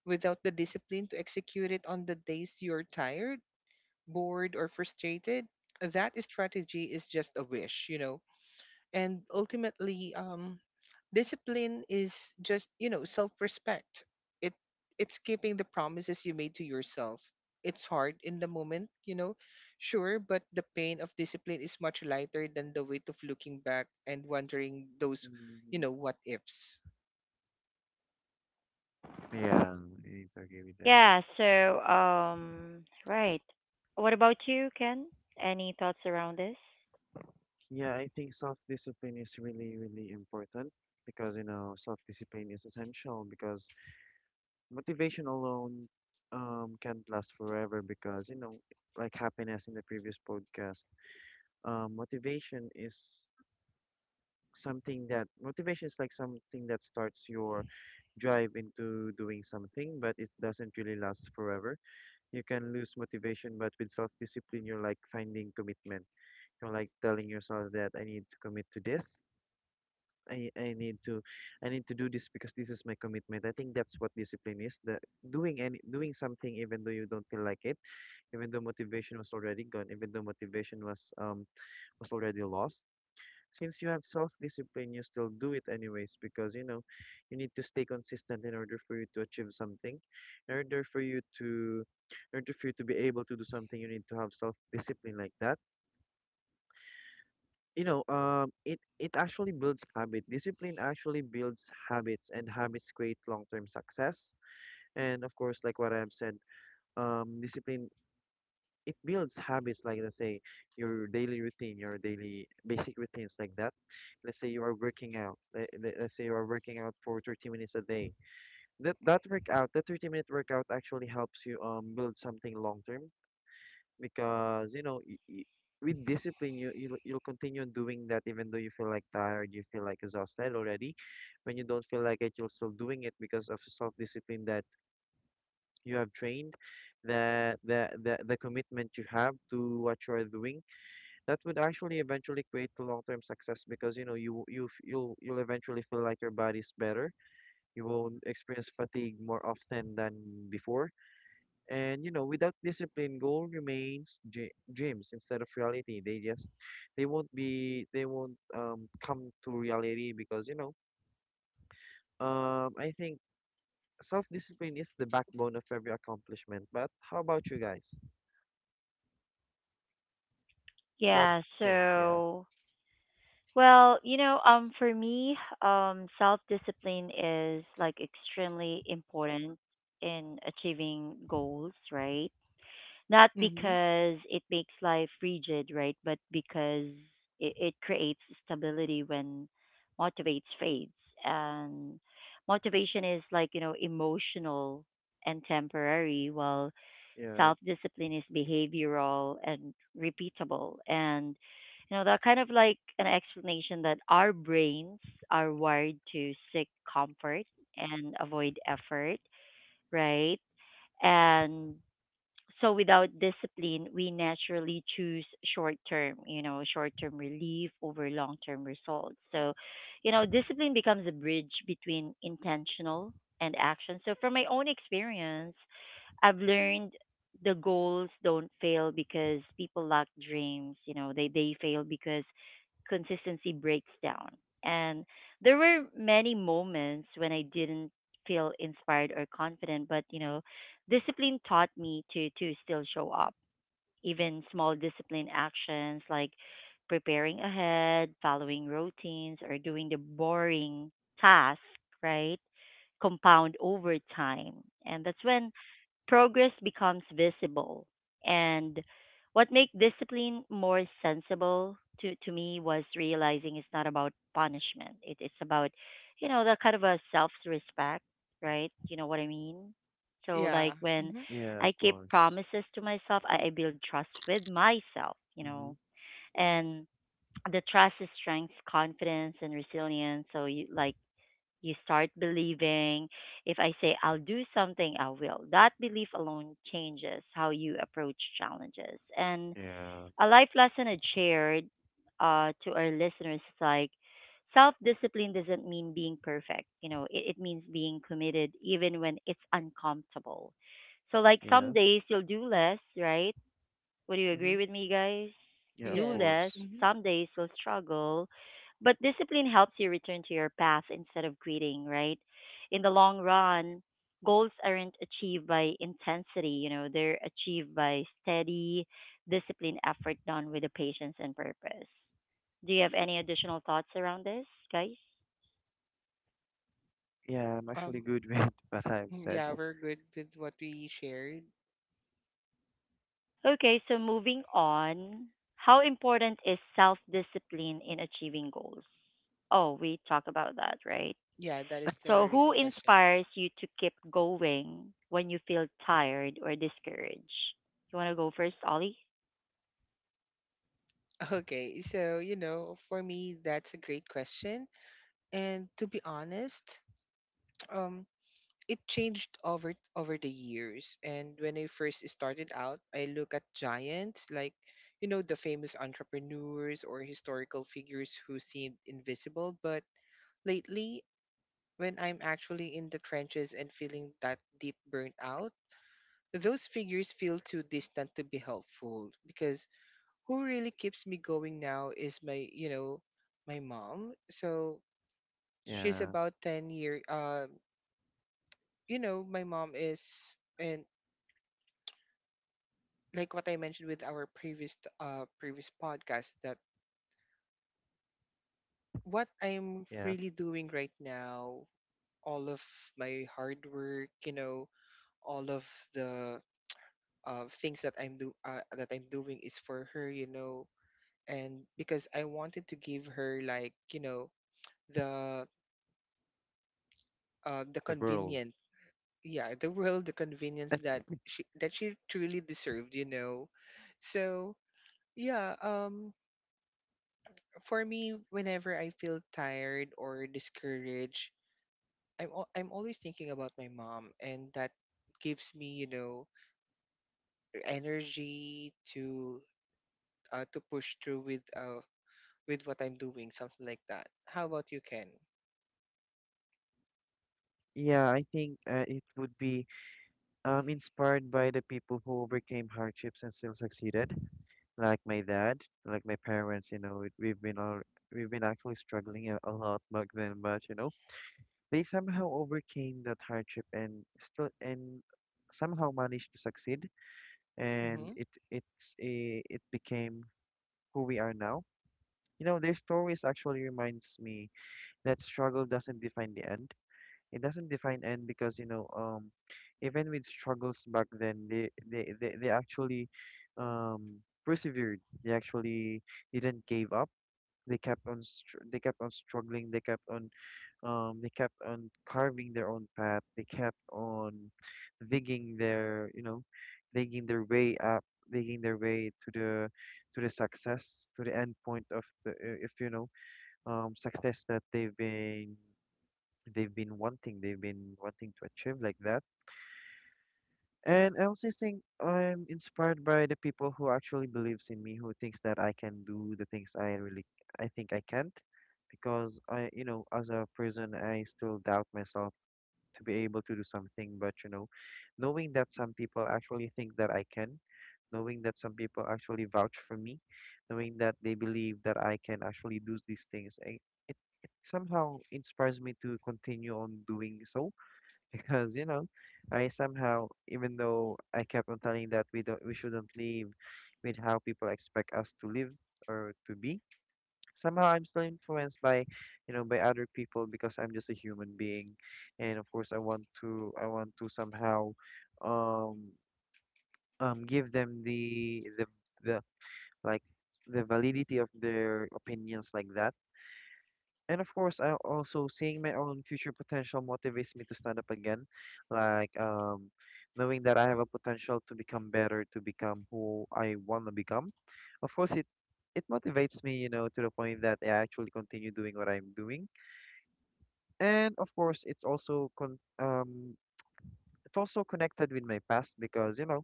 Speaker 3: without the discipline to execute it on the days you're tired, bored, or frustrated, that strategy is just a wish, you know. And ultimately, discipline is just you know self-respect. It it's keeping the promises you made to yourself. It's hard in the moment, you know, sure, but the pain of discipline is much lighter than the weight of looking back and wondering those, you
Speaker 2: Mm-hmm.
Speaker 3: know, what ifs.
Speaker 2: Yeah. I agree with that.
Speaker 1: Yeah, so, right. What about you, Ken? Any thoughts around this?
Speaker 2: Yeah, I think self-discipline is really, really important, because, self-discipline is essential because motivation alone can't last forever, because, like happiness in the previous podcast, motivation is something that motivation is like something that starts your drive into doing something, but it doesn't really last forever. You can lose motivation, but with self-discipline, you're like finding commitment. You're like telling yourself that I need to commit to this. I I need to I need to do this because this is my commitment. I think that's what discipline is. The doing any doing something even though you don't feel like it, even though motivation was already gone, even though motivation was already lost. Since you have self-discipline, you still do it anyways because you need to stay consistent in order for you to achieve something. In order for you to in order for you to be able to do something, you need to have self-discipline, like that. It actually builds habit. Discipline actually builds habits, and habits create long-term success. And of course, like what I've said, discipline, it builds habits. Like let's say your daily routine, your daily basic routines, like that. Let's say you are working out. Let's say you are working out for 30 minutes a day. That workout, that 30-minute workout, actually helps you build something long-term because you know y y with discipline you'll you'll continue doing that even though you feel like tired, you feel like exhausted already. When you don't feel like it, you're still doing it because of self-discipline that you have trained, the commitment you have to what you are doing. That would actually eventually create the long-term success because you'll eventually feel like your body's better. You will experience fatigue more often than before. And you know, without discipline, goal remains dreams instead of reality. They just, they won't come to reality because you know, I think self-discipline is the backbone of every accomplishment. But how about you guys? What
Speaker 1: Yeah,
Speaker 2: can, yeah,
Speaker 1: so, well, you know, for me, self discipline is like extremely important in achieving goals, right? Not
Speaker 3: Mm-hmm.
Speaker 1: because it makes life rigid, right? But because it creates stability when motivates fades. And motivation is like, you know, emotional and temporary, while
Speaker 2: yeah,
Speaker 1: self discipline is behavioral and repeatable. And, you know, that kind of like an explanation that our brains are wired to seek comfort and avoid effort, right? And so without discipline, we naturally choose short term, you know, short term relief over long term results. So, you know, discipline becomes a bridge between intentional and action. So from my own experience, I've learned the goals don't fail because people lack dreams, you know, they fail because consistency breaks down. And there were many moments when I didn't feel inspired or confident, but you know, discipline taught me to still show up even small discipline actions like preparing ahead following routines or doing the boring task right compound over time, and that's when progress becomes visible. And what made discipline more sensible to me was realizing it's not about punishment. It's about, you know, that kind of a self respect, right? You know what I mean? So, like,
Speaker 3: Yeah.
Speaker 1: when
Speaker 3: Mm-hmm.
Speaker 2: yeah, of
Speaker 1: I keep
Speaker 2: course.
Speaker 1: promises to myself, I build trust with myself, you
Speaker 2: Mm-hmm.
Speaker 1: know, and the trust is strength, confidence and resilience. So, you like, you start believing, if I say I'll do something, I will. That belief alone changes how you approach challenges. And
Speaker 2: Yeah,
Speaker 1: a life lesson I shared to our listeners is like self discipline doesn't mean being perfect. You know, it means being committed even when it's uncomfortable. So, like some
Speaker 2: yeah.
Speaker 1: days you'll do less, right? Would you agree
Speaker 2: Mm-hmm.
Speaker 1: with me, guys?
Speaker 2: Yeah, of
Speaker 1: Do
Speaker 3: Yes.
Speaker 1: less.
Speaker 2: course.
Speaker 3: Mm-hmm.
Speaker 1: Some days you'll struggle, but discipline helps you return to your path instead of quitting, right? In the long run, goals aren't achieved by intensity, you know, they're achieved by steady, disciplined effort done with a patience and purpose. Do you have any additional thoughts around this, guys?
Speaker 2: Yeah, I'm actually
Speaker 3: Um.
Speaker 2: good with *laughs* what I've
Speaker 3: Mm.
Speaker 2: said.
Speaker 3: Yeah, we're good with what we shared.
Speaker 1: Okay, so moving on, how important is self discipline in achieving goals? Oh, we talk about that, right?
Speaker 3: Yeah, that is
Speaker 1: So,
Speaker 3: the
Speaker 1: who
Speaker 3: recent question.
Speaker 1: inspires you to keep going when you feel tired or discouraged? You want to go first, Ollie?
Speaker 3: *laughs* Okay, so you know, for me, that's a great question. And to be honest, *tsk* um, it changed over the years. And when I first started out, I look at giants like, you know, the famous entrepreneurs or historical figures who seemed invisible. But lately, when I'm actually in the trenches and feeling that deep burnt out, those figures feel too distant to be helpful, because who really keeps me going now is my, you know, my mom. So she's
Speaker 2: Yeah,
Speaker 3: about 10 year uh you know, my mom is, and like what I mentioned with our previous podcast, that what I'm
Speaker 2: yeah.
Speaker 3: really doing right now, all of my hard work, you know, all of the things that I'm do that I'm doing is for her, you know. And because I wanted to give her, like, you know, the the
Speaker 2: The world.
Speaker 3: convenient yeah the world, the convenience that
Speaker 2: *laughs*
Speaker 3: she truly deserved, you know. So yeah, for me, whenever I feel tired or discouraged, I'm always thinking about my mom, and that gives me, you know, energy to push through with what I'm doing, something like that. How about you, Ken?
Speaker 2: Yeah, I think it would be, inspired by the people who overcame hardships and still succeeded, like my dad, like my parents. You know, we've been actually struggling a lot back then, but you know, they somehow overcame that hardship and still, and somehow managed to succeed. And
Speaker 3: Mm-hmm.
Speaker 2: it it's a it became who we are now. You know, their stories actually reminds me that struggle doesn't define the end. It doesn't define end because, you know, even with struggles back then, they actually um, persevered. They actually didn't give up. They kept on struggling. They kept on carving their own path. They kept on digging their, you know, digging their way up, digging their way to the, to the success, to the end point of the if you know, success that they've been, they've been wanting to achieve like that. And I also think I'm inspired by the people who actually believes in me, who thinks that I can do the things I really, I think I can't, because I, you know, as a person I still doubt myself to be able to do something. But you know, knowing that some people actually think that I can, knowing that some people actually vouch for me, knowing that they believe that I can actually do these things, it, it somehow inspires me to continue on doing so, because you know, I somehow, even though I kept on telling that we shouldn't live with how people expect us to live or to be, somehow I'm still influenced by, you know, by other people because I'm just a human being. And of course, I want to somehow, um give them the like the validity of their opinions like that. And of course, I also, seeing my own future potential motivates me to stand up again. Like, knowing that I have a potential to become better, to become who I want to become. Of course, it motivates me, you know, to the point that I actually continue doing what I'm doing. And of course, it's also con it's also connected with my past because you know,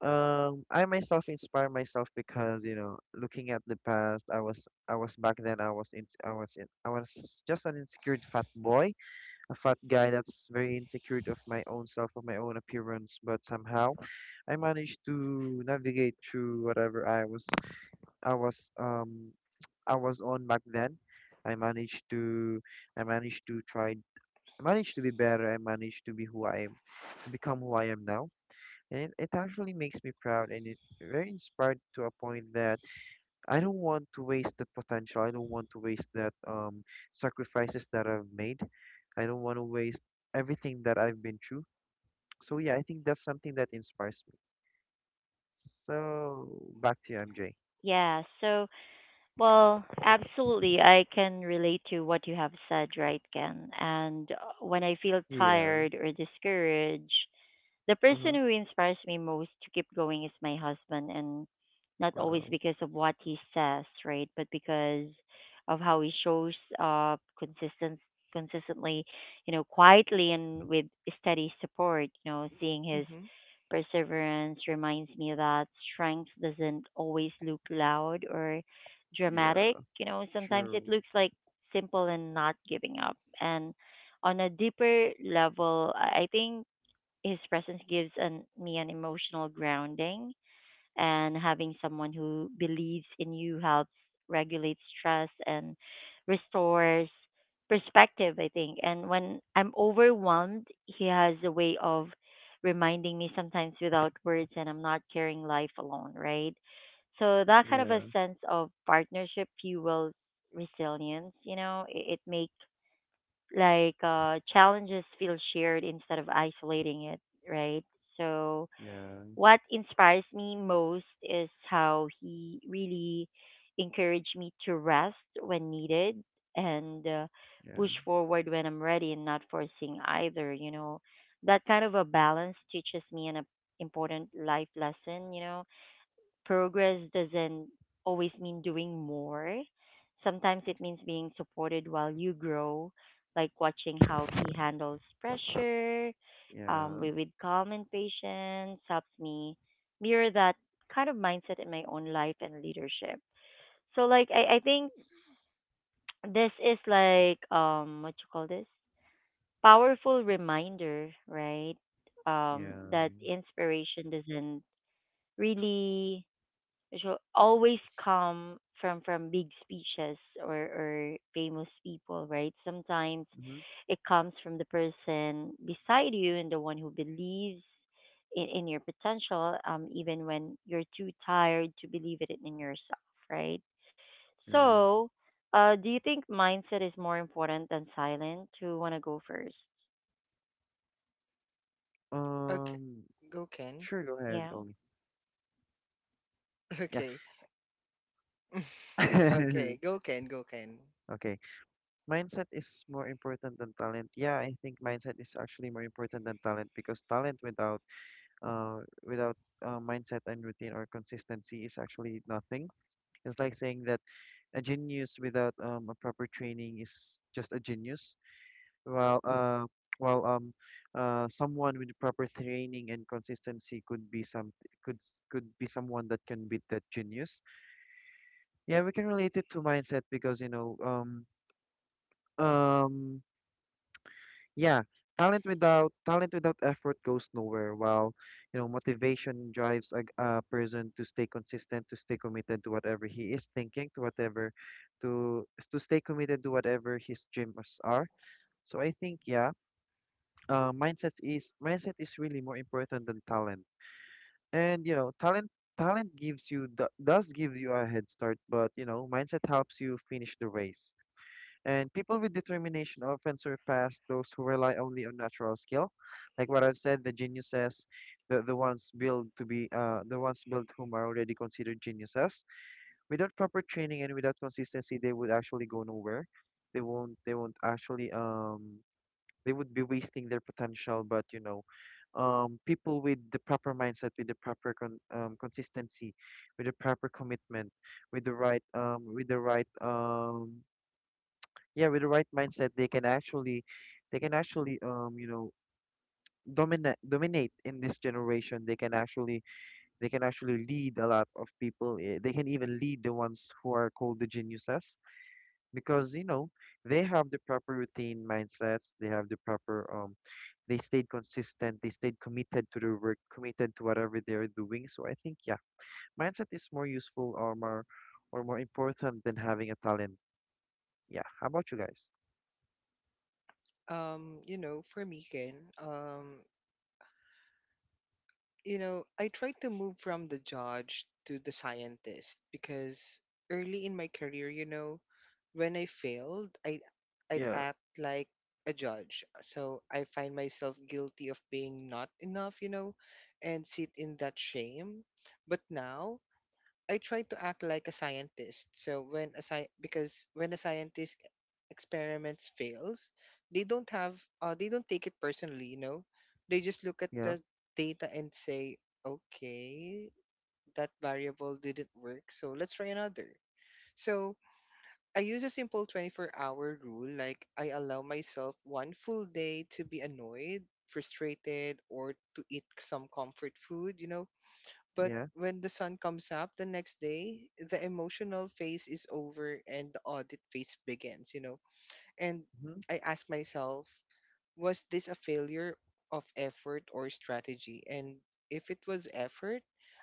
Speaker 2: I myself inspire myself because you know, looking at the past, I was back then I was in I was in I was just an insecure fat boy, a fat guy that's very insecure of my own self, of my own appearance, but somehow I managed to navigate through whatever I was um I was on back then. I managed to I managed to try. I managed to be better. I managed to be who I am, to become who I am now. And it actually makes me proud and it very inspired to a point that I don't want to waste that potential. I don't want to waste that sacrifices that I've made. I don't want to waste everything that I've been through. So yeah, I think that's something that inspires me. So back to you, MJ.
Speaker 1: Yeah, so, well, absolutely. I can relate to what you have said, right, Ken? And when I feel
Speaker 2: Yeah.
Speaker 1: tired or discouraged, the
Speaker 2: Uh-huh.
Speaker 1: person who inspires me most to keep going is my husband, and not always
Speaker 2: Wow.
Speaker 1: because of what he says, right? But because of how he shows up consistently, you know, quietly and with steady support. You know, seeing his
Speaker 3: Mm-hmm.
Speaker 1: perseverance reminds me that strength doesn't always look loud or
Speaker 2: Yeah.
Speaker 1: dramatic. You know, sometimes it
Speaker 2: True.
Speaker 1: looks like simple and not giving up. And on a deeper level, I think his presence gives me an emotional grounding, and having someone who believes in you helps regulate stress and restores perspective, I think. And when I'm overwhelmed, he has a way of reminding me sometimes without words, and I'm not carrying life alone, right? So that kind of a
Speaker 2: Yeah.
Speaker 1: sense of partnership fuels resilience, you know, it makes like challenges feel shared instead of isolating it, right? So,
Speaker 2: Yeah.
Speaker 1: what inspires me most is how he really encouraged me to rest when needed and push
Speaker 2: Yeah.
Speaker 1: forward when I'm ready and not forcing either, you know. That kind of a balance teaches me an important life lesson, you know, progress doesn't always mean doing more. Sometimes it means being supported while you grow, like watching how he handles pressure
Speaker 2: Yeah.
Speaker 1: with calm and patience helps me mirror that kind of mindset in my own life and leadership. So, like, I think this is like, what you call this? Powerful reminder, right?
Speaker 2: Yeah.
Speaker 1: That inspiration doesn't really which will always come from big speeches or famous people, right? Sometimes
Speaker 2: Mm-hmm.
Speaker 1: it comes from the person beside you and the one who believes in your potential, even when you're too tired to believe it in yourself, right?
Speaker 2: Yeah.
Speaker 1: So, do you think mindset is more important than silent? Who wanna go first?
Speaker 2: Um,
Speaker 3: Go Ken.
Speaker 2: sure, go ahead,
Speaker 1: Yeah.
Speaker 2: Oli.
Speaker 3: *laughs*
Speaker 2: Yeah.
Speaker 3: Okay. *laughs* Okay,
Speaker 2: *laughs*
Speaker 3: go Ken, go Ken.
Speaker 2: Okay. Mindset is more important than talent. Yeah, I think mindset is actually more important than talent because talent without uh without mindset and routine or consistency is actually nothing. It's like saying that a genius without a proper training is just a genius, while while um someone with proper training and consistency could could be someone that can beat that genius. Yeah, we can relate it to mindset because you know Um, yeah, talent without effort goes nowhere. While, you know, motivation drives a person to stay consistent, to stay committed to whatever he is thinking, to whatever, to to stay committed to whatever his dreams are. So I think yeah, mindset is, mindset is really more important than talent. And you know, talent does give you a head start, but you know, mindset helps you finish the race. And people with determination often surpass those who rely only on natural skill. Like what I've said, the geniuses, the ones built to be the ones built whom are already considered geniuses. Without proper training and without consistency, they would actually go nowhere. They won't actually they would be wasting their potential. But you know, people with the proper mindset, with the proper consistency, with the proper commitment, with the right yeah, with the right mindset, they can actually you know, dominate in this generation. They can actually lead a lot of people, eh, they can even lead the ones who are called the geniuses, because you know, they have the proper routine mindsets. They have the proper, they stayed consistent, they stayed committed to their work, committed to whatever they're doing. So I think yeah, mindset is more useful, or more important than having a talent. Yeah, how about you guys?
Speaker 3: You know, for me, Ken, you know, I tried to move from the judge to the scientist, because early in my career, you know, when I failed, I'd
Speaker 2: Yeah,
Speaker 3: act like a judge. So I find myself guilty of being not enough, you know, and sit in that shame. But now I try to act like a scientist. So because when a scientist experiments fails, they don't take it personally, you know. They just look at
Speaker 2: yeah,
Speaker 3: the data and say, "Okay, that variable didn't work, so let's try another." So I use a simple 24-hour rule like I allow myself one full day to be annoyed, frustrated, or to eat some comfort food, you know, but
Speaker 2: yeah.
Speaker 3: when the sun comes up the next day, the emotional phase is over and the audit phase begins, you know. And
Speaker 2: Mhm.
Speaker 3: I ask myself, was this a failure of effort or strategy? And if it was effort,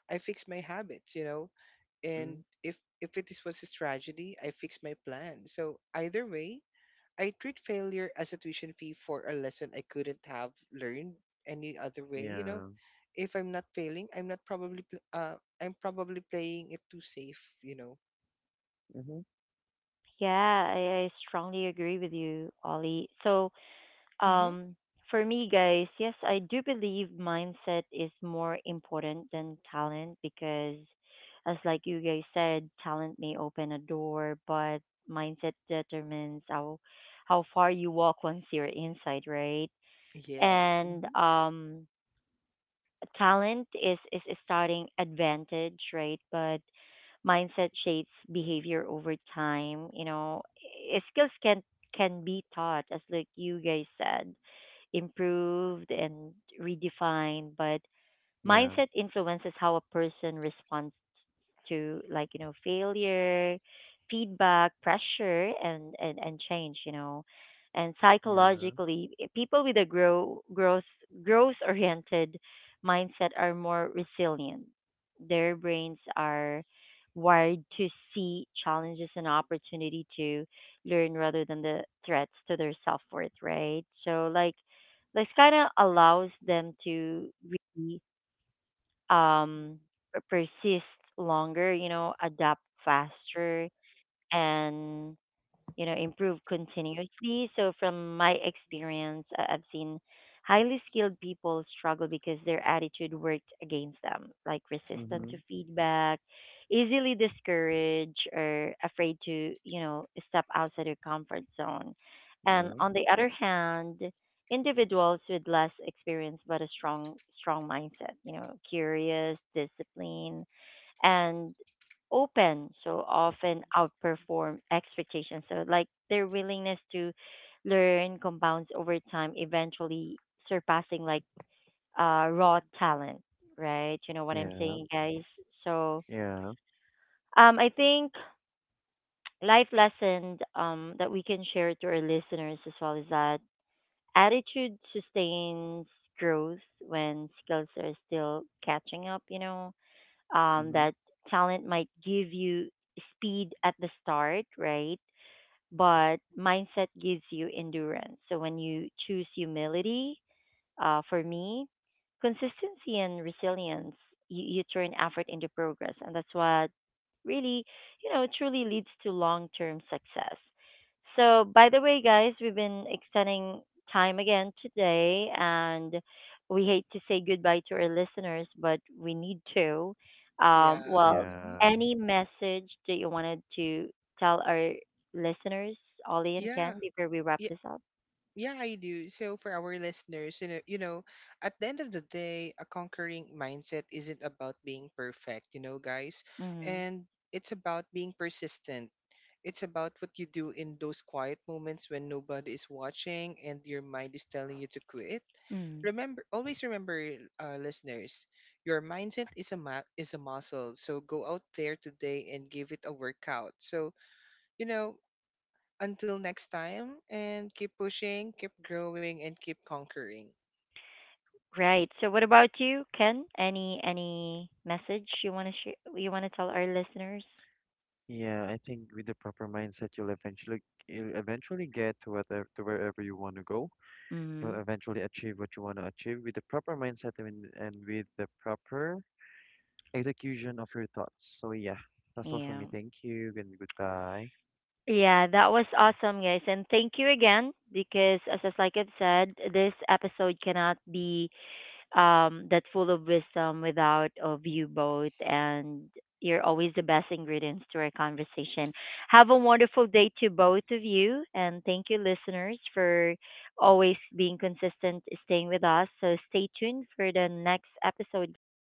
Speaker 3: I fix my habits, you know. And
Speaker 2: Mhm.
Speaker 3: if it is was a strategy, I fix my plan. So either way, I treat failure as a tuition fee for a lesson I couldn't have learned any other way, you know.
Speaker 2: Yeah.
Speaker 3: If I'm not failing, I'm not probably pl- I'm probably playing it too safe, you know.
Speaker 2: Mhm.
Speaker 1: Yeah, I strongly agree with you, Ollie. So
Speaker 3: Mm-hmm.
Speaker 1: um, for me, guys, yes, I do believe mindset is more important than talent because, as like you guys said, talent may open a door, but mindset determines how far you walk once you're inside, right?
Speaker 3: Yes.
Speaker 1: And
Speaker 3: Hmm.
Speaker 1: talent is a starting advantage, right? But mindset shapes behavior over time. You know, eh, skills can be taught, as like you guys said, improved and redefined, but
Speaker 2: Yeah,
Speaker 1: mindset influences how a person responds to like you know failure, feedback, pressure and and change, you know. And
Speaker 2: yeah.
Speaker 1: psychologically eh, people with a growth growth oriented mindset are more resilient, their brains are wired to see challenges and opportunity to learn rather than the threats to their self worth, right? So like this kind of allows them to really um per- persist longer, you know, adapt faster and you know improve continuously. So from my experience I've seen highly skilled people struggle because their attitude worked against them, like resistant to
Speaker 2: Mhm.
Speaker 1: feedback, easily discouraged or afraid to you know step outside their comfort zone, and
Speaker 2: Yeah,
Speaker 1: on the other hand individuals with less experience but a strong mindset, you know, curious, disciplined and open, so often outperform expectations. So like their willingness to learn compounds over time, eventually surpassing like raw talent, right? You know what I'm
Speaker 2: yeah,
Speaker 1: saying, guys? So
Speaker 2: yeah.
Speaker 1: I think life lessons that we can share to our listeners as well is that attitude sustains growth when skills are still catching up, you know,
Speaker 2: Mhm.
Speaker 1: that talent might give you speed at the start, right? But mindset gives you endurance. So when you choose humility, for me, consistency and resilience, you turn effort into progress. And that's what really, you know, truly leads to long term success. So, by the way, guys, we've been extending time again today, and we hate to say goodbye to our listeners, but we need to.
Speaker 3: Yeah.
Speaker 1: Well,
Speaker 3: Hmm.
Speaker 2: Yeah,
Speaker 1: any message that you wanted to tell our listeners, Ollie and
Speaker 3: Yeah.
Speaker 1: Ken, before we wrap
Speaker 3: Yeah.
Speaker 1: this up?
Speaker 3: Yeah, I do. So for our listeners, you know, at the end of the day, a conquering mindset isn't about being perfect, you know, guys,
Speaker 1: Mm-hmm.
Speaker 3: and it's about being persistent. It's about what you do in those quiet moments when nobody is watching and your mind is telling you to quit.
Speaker 1: Mm-hmm.
Speaker 3: Remember, always remember, listeners, your mindset is is a muscle. So go out there today and give it a workout. So you know, until next time, and keep pushing, keep growing, and keep conquering.
Speaker 1: Right. So what about you, Ken? Any message you want to you want to tell our listeners?
Speaker 2: yeah. I think with the proper mindset, you'll eventually get to whatever, to wherever you want to go. You'll
Speaker 1: Mhm.
Speaker 2: eventually achieve what you want to achieve with the proper mindset and with the proper execution of your thoughts. So yeah, that's all for
Speaker 1: Yeah.
Speaker 2: me. Thank you and goodbye.
Speaker 1: Yeah, that was awesome, guys. And thank you again because, as like I've said, this episode cannot be that's full of wisdom without of you both. And you're always the best ingredients to our conversation. Have a wonderful day to both of you. And thank you, listeners, for always being consistent, staying with us. So stay tuned for the next episode, guys.